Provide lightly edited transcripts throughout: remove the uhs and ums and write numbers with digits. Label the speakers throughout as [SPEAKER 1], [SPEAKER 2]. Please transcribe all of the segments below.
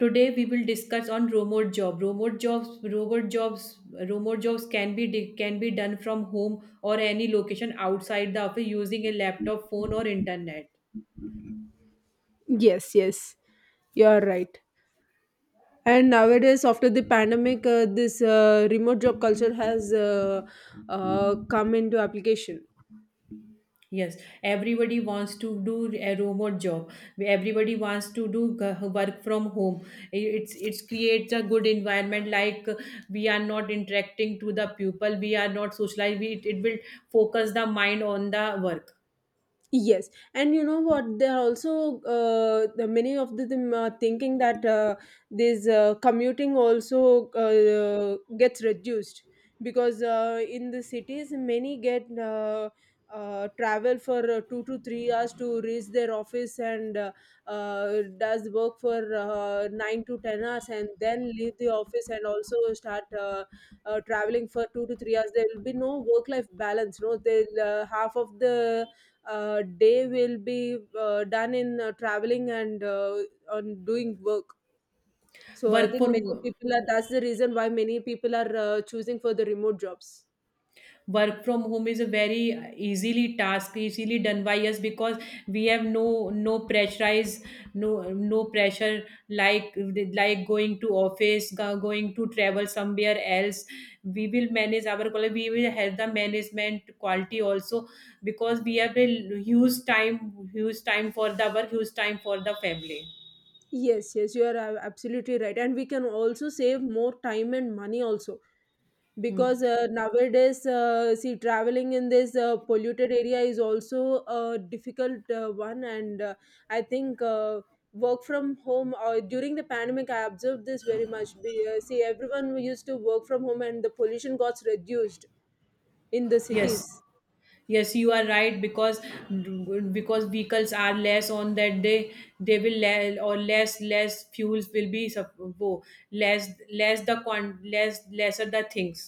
[SPEAKER 1] Today we will discuss on remote job. Remote jobs can be can be done from home or any location outside the office using a laptop, phone, or internet.
[SPEAKER 2] Yes, yes, you are right. And nowadays, after the pandemic, this remote job culture has come into application.
[SPEAKER 1] Yes, everybody wants to do a remote job. Everybody wants to do work from home. It's creates a good environment. We are not interacting to the people. We are not socialized. It will focus the mind on the work.
[SPEAKER 2] Yes, and you know what? There are also the many of the them are thinking that this commuting also gets reduced because in the cities many get travel for 2 to 3 hours to reach their office and does work for 9 to 10 hours and then leave the office and also start traveling for 2 to 3 hours. There will be no work-life balance. No, they'll half of the day will be done in traveling and on doing work. So I
[SPEAKER 1] Work
[SPEAKER 2] think
[SPEAKER 1] for
[SPEAKER 2] many people are. That's the reason why many people are choosing for the remote jobs.
[SPEAKER 1] work from home is a very easily task easily done by us because we have no pressurize no pressure like going to office going to travel somewhere else, we will manage our quality, we will have the management quality also because we have a huge time for the work, huge time for the family.
[SPEAKER 2] Yes, yes, you are absolutely right, and we can also save more time and money also
[SPEAKER 1] Hmm.
[SPEAKER 2] because nowadays see traveling in this polluted area is also a difficult one and I think work from home or during the pandemic I observed this very much see everyone used to work from home and the pollution got reduced in the cities.
[SPEAKER 1] Yes. Yes, you are right because vehicles are less on that day. They will le- or less fuels will be less, less the con less, lesser the things.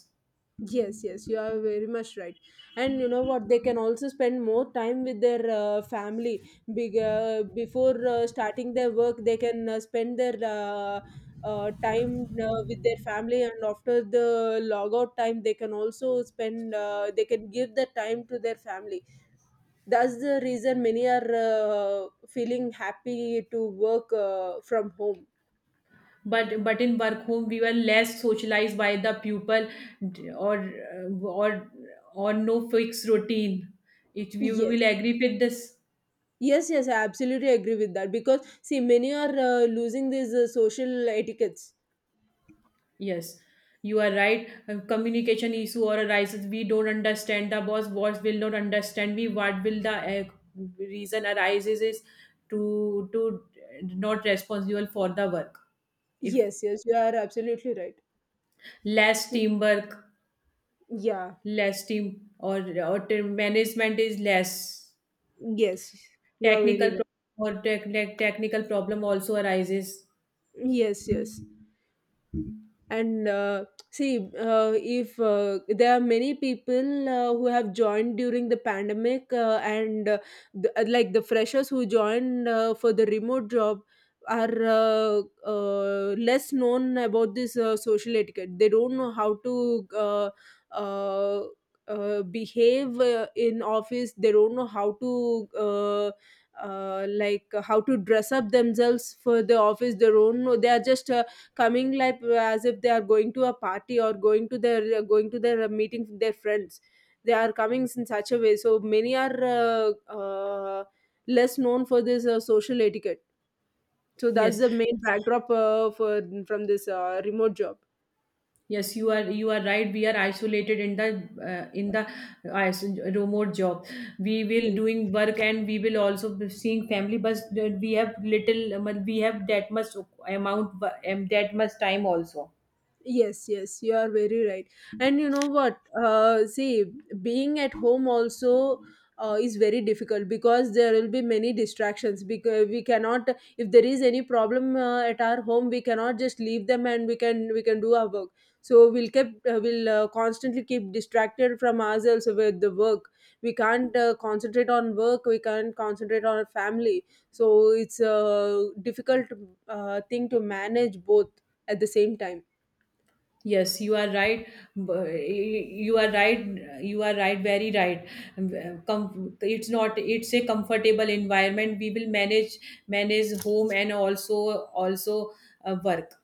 [SPEAKER 2] Yes, yes, you are very much right. And you know what? They can also spend more time with their family. Before starting their work, they can spend their time with their family, and after the log out time, they can also spend. They can give the time to their family. That's the reason many are feeling happy to work from home.
[SPEAKER 1] But in work home we were less socialized by the pupil, or or or no fixed routine. It, you will
[SPEAKER 2] Yes.
[SPEAKER 1] agree with this.
[SPEAKER 2] Yes, yes, I absolutely agree with that because see, many are losing these social etiquettes.
[SPEAKER 1] Yes, you are right. A communication issue or arises, we don't understand the boss. Boss will not understand me. What will the reason arises is to not responsible for the work. If
[SPEAKER 2] Yes, yes, you are absolutely right.
[SPEAKER 1] less teamwork,
[SPEAKER 2] Yeah,
[SPEAKER 1] less team or team management is less,
[SPEAKER 2] yes, you are very
[SPEAKER 1] technical
[SPEAKER 2] right.
[SPEAKER 1] pro- or tech, tech- technical problem also arises.
[SPEAKER 2] Yes, yes. And see if there are many people who have joined during the pandemic and like the freshers who joined for the remote job are less known about this social etiquette. They don't know how to uh, behave in office. They don't know how to like how to dress up themselves for the office. They don't know. They are just coming like as if they are going to a party or going to their meeting with their friends. They are coming in such a way, so many are uh, less known for this social etiquette, so that's
[SPEAKER 1] Yes.
[SPEAKER 2] the main backdrop for from this remote job.
[SPEAKER 1] Yes, you are right. We are isolated in the uh, in the uh, is- remote job. We will
[SPEAKER 2] Yes,
[SPEAKER 1] doing work and we will also be seeing family. But We have little. We have that much amount, that much time also.
[SPEAKER 2] yes, yes, you are very right. And you know what? See, being at home also is very difficult because there will be many distractions. Because we cannot, if there is any problem at our home, we cannot just leave them and we can do our work. So we'll keep we'll constantly keep distracted from ourselves with the work. We can't concentrate on work. We can't concentrate on our family. So it's a difficult thing to manage both at the same time.
[SPEAKER 1] Yes, you are right. B- uh, You are right. You are right. Very right. Um, It's not. It's a comfortable environment. We will manage home and also also work.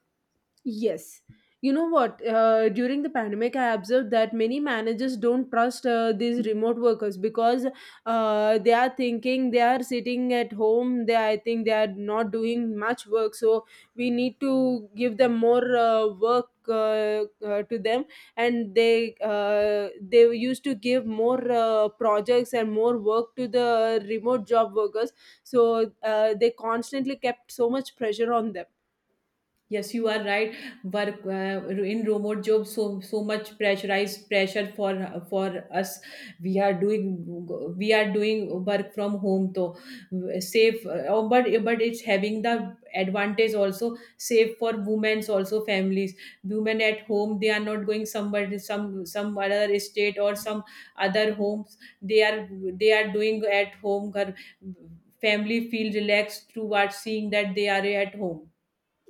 [SPEAKER 2] Yes. You know what? During the pandemic, I observed that many managers don't trust these remote workers because they are thinking they are sitting at home. They, I think, they are not doing much work. So we need to give them more work to them, and they used to give more projects and more work to the remote job workers. So they constantly kept so much pressure on them.
[SPEAKER 1] Yes, you are right. Work in remote jobs, so so much pressurized pressure for us. We are doing we are doing work from home, though safe. But it's having the advantage also, safe for women's also families. Women at home, they are not going somebody, some other state or some other homes. They are doing at home. घर- Family feel relaxed towards seeing that they are at home.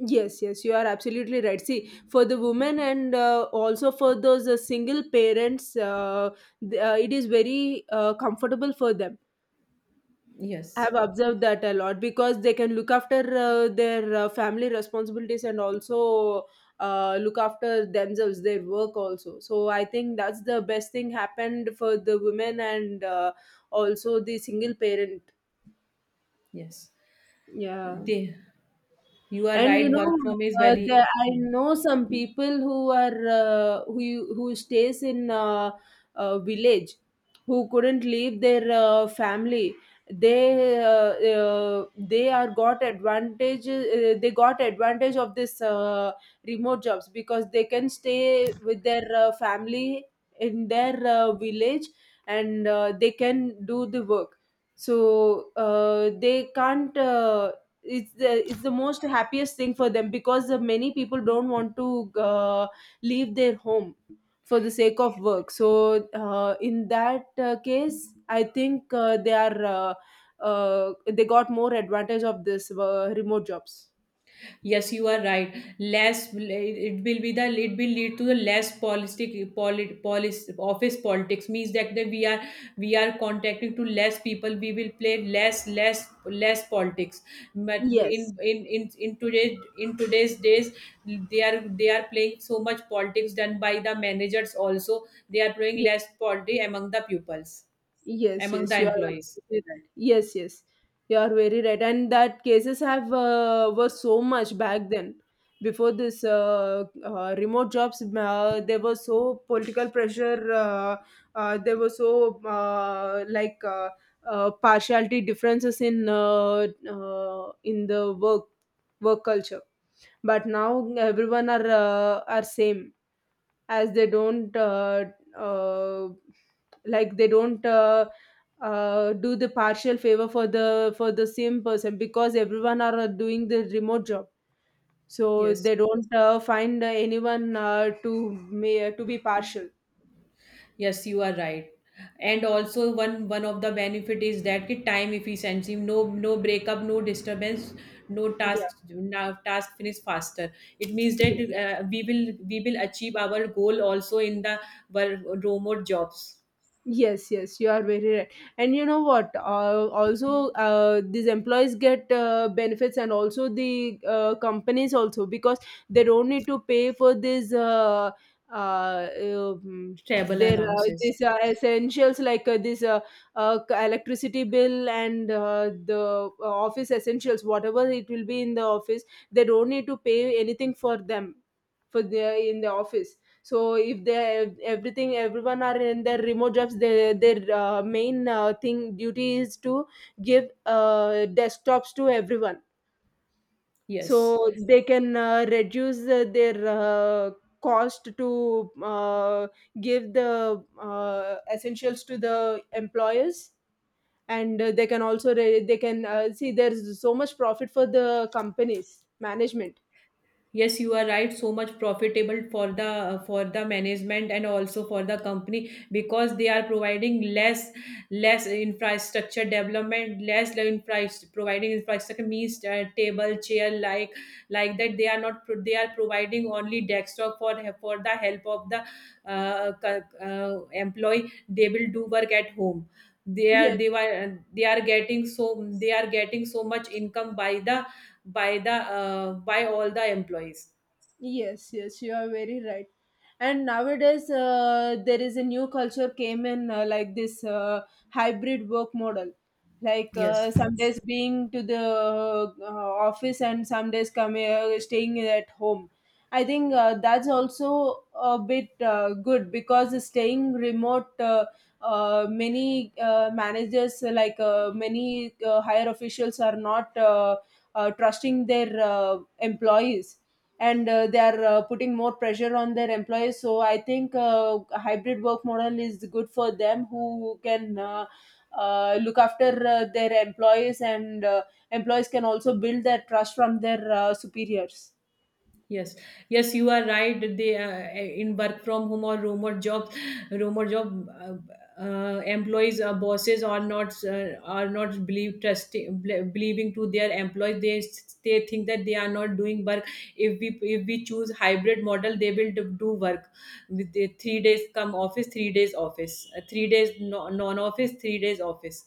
[SPEAKER 2] Yes, yes, you are absolutely right. See, for the women and also for those single parents, it is very comfortable for them. I
[SPEAKER 1] Yes.
[SPEAKER 2] have observed that a lot because they can look after their family responsibilities and also look after themselves, their work also. So I think that's the best thing happened for the women and also the single parent.
[SPEAKER 1] Yes,
[SPEAKER 2] Yeah.
[SPEAKER 1] they. You are
[SPEAKER 2] And you
[SPEAKER 1] right. Work
[SPEAKER 2] know,
[SPEAKER 1] from is
[SPEAKER 2] there,
[SPEAKER 1] very.
[SPEAKER 2] I
[SPEAKER 1] Hmm.
[SPEAKER 2] know some people who are who stays in a village, who couldn't leave their family. They got advantage of this remote jobs because they can stay with their family in their village, and they can do the work. So they can't it's the most happiest thing for them because the many people don't want to leave their home for the sake of work. So in that case I think they are they got more advantage of this remote jobs.
[SPEAKER 1] Yes, you are right. Less it will be the, it will lead to the less polis office politics, means that we are contacting to less people. We will play less politics. But
[SPEAKER 2] Yes,
[SPEAKER 1] in today's days, they are playing so much politics done by the managers. Also, they are playing less politics among the pupils,
[SPEAKER 2] yes,
[SPEAKER 1] among
[SPEAKER 2] yes,
[SPEAKER 1] the
[SPEAKER 2] you are
[SPEAKER 1] employees.
[SPEAKER 2] absolutely right. Yes, yes, you are very right. And that cases have were so much back then. Before this remote jobs, there was so political pressure. There was so like partiality differences in the work culture. But now everyone are same as they don't uh, like they don't do the partial favor for the same person because everyone are doing the remote job, so
[SPEAKER 1] Yes.
[SPEAKER 2] they don't find anyone to be partial.
[SPEAKER 1] Yes, you are right. And also one of the benefit is that ki time efficiency, no breakup, no disturbance, no
[SPEAKER 2] Yeah,
[SPEAKER 1] task, now task finish faster. It means that
[SPEAKER 2] yes,
[SPEAKER 1] we will achieve our goal also in the remote jobs,
[SPEAKER 2] yes, yes, you are very right. And you know what? Also, these employees get benefits, and also the companies also because they don't need to pay for this. Uh, um,
[SPEAKER 1] travel
[SPEAKER 2] their
[SPEAKER 1] allowances.
[SPEAKER 2] these essentials like this electricity bill and the office essentials, whatever it will be in the office, they don't need to pay anything for them for the in the office. So if they everything everyone are in their remote jobs, they, their main thing duty is to give desktops to everyone,
[SPEAKER 1] Yes.
[SPEAKER 2] so they can reduce their cost to give the essentials to the employers, and they can also they can see there's so much profit for the companies management.
[SPEAKER 1] Yes, you are right. So much profitable for the management and also for the company because they are providing less, less infrastructure development less the infra providing infrastructure, means table, chair, like that. They are not pro- they are providing only desktop for the help of the employee. They will do work at home.
[SPEAKER 2] Yes,
[SPEAKER 1] They are getting so, they are getting so much income by the by all the employees.
[SPEAKER 2] yes, yes, you are very right. And nowadays, there is a new culture came in like this hybrid work model. Like
[SPEAKER 1] Yes.
[SPEAKER 2] some days being to the office and some days coming staying at home. I think that's also a bit good because staying remote, many managers like many higher officials are not trusting their employees, and they are putting more pressure on their employees. So I think a hybrid work model is good for them who can look after their employees, and employees can also build their trust from their superiors.
[SPEAKER 1] Yes, yes, you are right. They, in work from home or remote jobs, remote job employees or bosses are not believe trusting believing to their employees. They think that they are not doing work. If we choose hybrid model, they will do work with the three days come office, three days no, non office, three days office.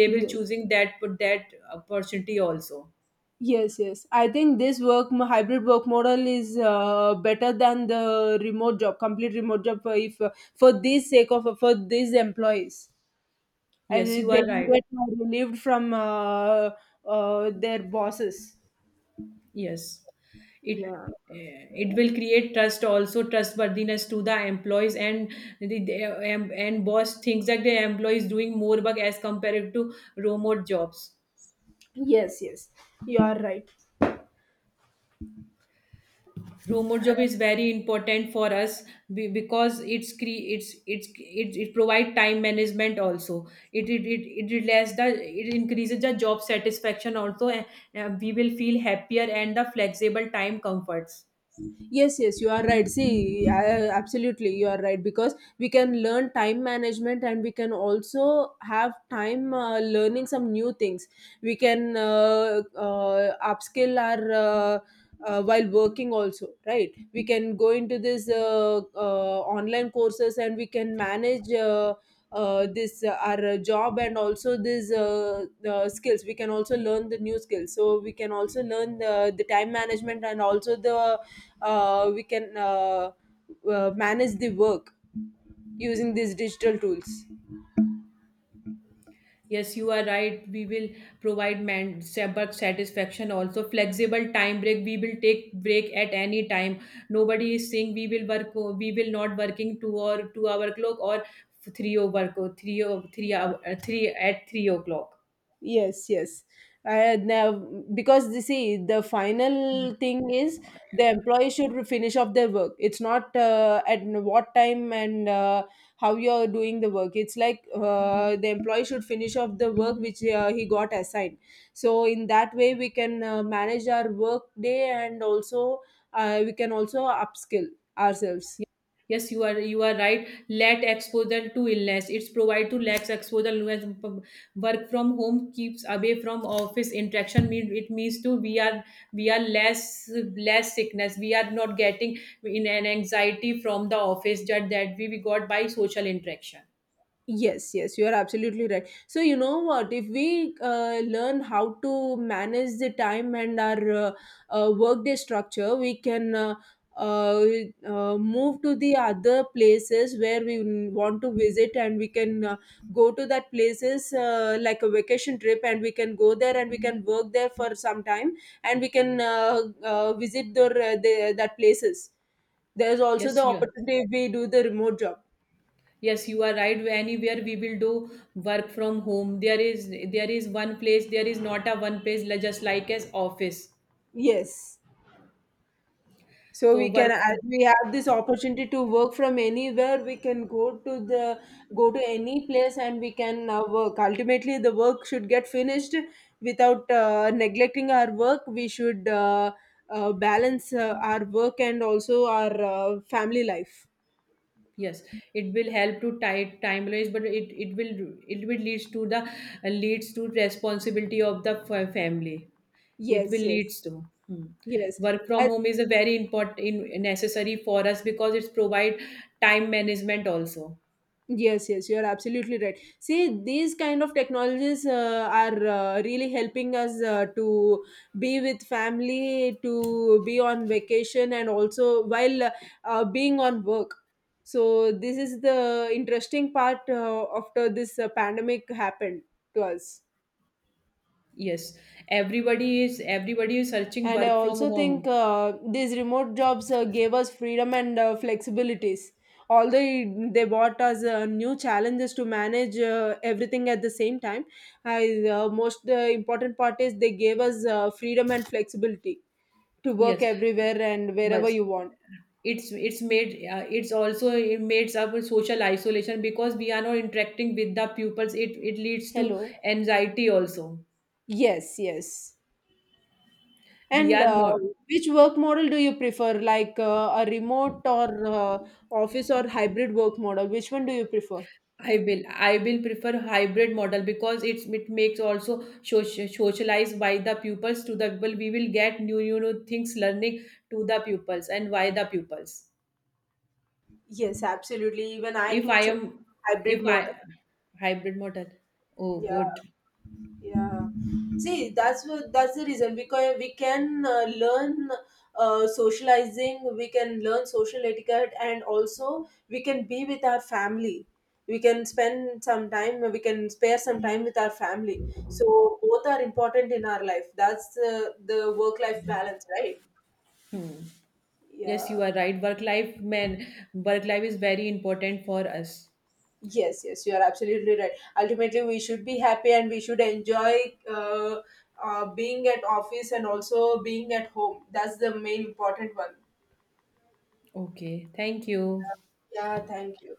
[SPEAKER 1] They will
[SPEAKER 2] Yes,
[SPEAKER 1] choosing that opportunity also.
[SPEAKER 2] yes, yes. I think this hybrid work model is better than the remote job, complete remote job. For if for this sake of for these employees, and
[SPEAKER 1] Yes,
[SPEAKER 2] they
[SPEAKER 1] you
[SPEAKER 2] they
[SPEAKER 1] are
[SPEAKER 2] can
[SPEAKER 1] right.
[SPEAKER 2] get relieved from their bosses.
[SPEAKER 1] Yes, it
[SPEAKER 2] Yeah.
[SPEAKER 1] it will create trust also, trustworthiness to the employees, and the, and boss thinks that the employees doing more work as compared to remote jobs.
[SPEAKER 2] Yes, yes. You are right.
[SPEAKER 1] Remote job is very important for us because it provide time management also. It relax the, it increases the job satisfaction also, and we will feel happier and the flexible time comforts.
[SPEAKER 2] Yes, yes, you are right. See, I, absolutely, you are right because we can learn time management and we can also have time learning some new things. We can upskill our while working also, right? We can go into this online courses and we can manage. This our job and also this skills we can also learn the new skills, so we can also learn the time management and also the we can manage the work using these digital tools.
[SPEAKER 1] Yes, you are right. We will provide work satisfaction also. Flexible time break. We will take break at any time. Nobody is saying we will work. We will not working two or two-hour clock or three-hour work or three hour three at 3 o'clock.
[SPEAKER 2] Yes, yes, now because you see the final thing is the employee should finish off their work. It's not at what time and how you're doing the work. It's like the employee should finish off the work which he got assigned. So in that way we can manage our work day and also we can also upskill ourselves.
[SPEAKER 1] Yes, you are right. Let exposure to illness. It's provide to lax exposure to illness. Work from home keeps away from office interaction. Mean it means to, we are less, less sickness. We are not getting in an anxiety from the office that we got by social interaction.
[SPEAKER 2] Yes, yes, you are absolutely right. So, you know what? If we learn how to manage the time and our workday structure, we can uh, move to the other places where we want to visit and we can go to that places like a vacation trip, and we can go there and we can work there for some time, and we can visit the, that places. There's also the
[SPEAKER 1] Yes, you are.
[SPEAKER 2] opportunity if we do the remote job.
[SPEAKER 1] Yes, you are right. Anywhere we will do work from home. There is one place. There is not a one place like- just like as office.
[SPEAKER 2] Yes. So
[SPEAKER 1] So
[SPEAKER 2] we can,
[SPEAKER 1] work.
[SPEAKER 2] as we have this opportunity to work from anywhere, we can go to any place and we can work. Ultimately, the work should get finished without neglecting our work. We should balance our work and also our family life.
[SPEAKER 1] Yes, it will help to tie timeless, but it will leads to the, leads to responsibility of the family. It
[SPEAKER 2] Yes,
[SPEAKER 1] will
[SPEAKER 2] yes,
[SPEAKER 1] leads to. Hmm.
[SPEAKER 2] yes.
[SPEAKER 1] Work from
[SPEAKER 2] I.
[SPEAKER 1] home is a very important in, necessary for us because it's provide time management also.
[SPEAKER 2] Yes, yes, you are absolutely right. See, these kind of technologies are really helping us to be with family, to be on vacation, and also while being on work. So this is the interesting part after this pandemic happened to us.
[SPEAKER 1] Yes, everybody is searching
[SPEAKER 2] And I
[SPEAKER 1] work from
[SPEAKER 2] also think
[SPEAKER 1] home.
[SPEAKER 2] these remote jobs gave us freedom and flexibilities. Although they brought us new challenges to manage everything at the same time, I, most important part is they gave us freedom and flexibility to work
[SPEAKER 1] Yes,
[SPEAKER 2] everywhere and wherever
[SPEAKER 1] but
[SPEAKER 2] you want.
[SPEAKER 1] it's made it's also it makes up with social isolation because we are not interacting with the pupils. It leads to
[SPEAKER 2] Hello.
[SPEAKER 1] anxiety also.
[SPEAKER 2] Yes, yes.
[SPEAKER 1] We
[SPEAKER 2] And
[SPEAKER 1] are not.
[SPEAKER 2] which work model do you prefer, like a remote or office or hybrid work model? Which one do you prefer?
[SPEAKER 1] I will prefer hybrid model because it makes also socialized by the pupils, to the people. We will get new things learning to the pupils and by the pupils.
[SPEAKER 2] Yes, absolutely. Even I
[SPEAKER 1] If
[SPEAKER 2] too
[SPEAKER 1] I
[SPEAKER 2] chose
[SPEAKER 1] am
[SPEAKER 2] hybrid
[SPEAKER 1] if I
[SPEAKER 2] model.
[SPEAKER 1] Hybrid model. Oh
[SPEAKER 2] Yeah,
[SPEAKER 1] good.
[SPEAKER 2] yeah. See, that's the reason because we can learn socializing, we can learn social etiquette, and also we can be with our family. We can spend some time. We can spare some time with our family. So both are important in our life. That's the work-life balance, right?
[SPEAKER 1] Hmm. Yes, you
[SPEAKER 2] Yeah.
[SPEAKER 1] are right. Work life, man, work life is very important for us.
[SPEAKER 2] Yes, yes, you are absolutely right. Ultimately, we should be happy and we should enjoy being at office and also being at home. That's the main important one.
[SPEAKER 1] Okay, thank you.
[SPEAKER 2] Yeah, thank you.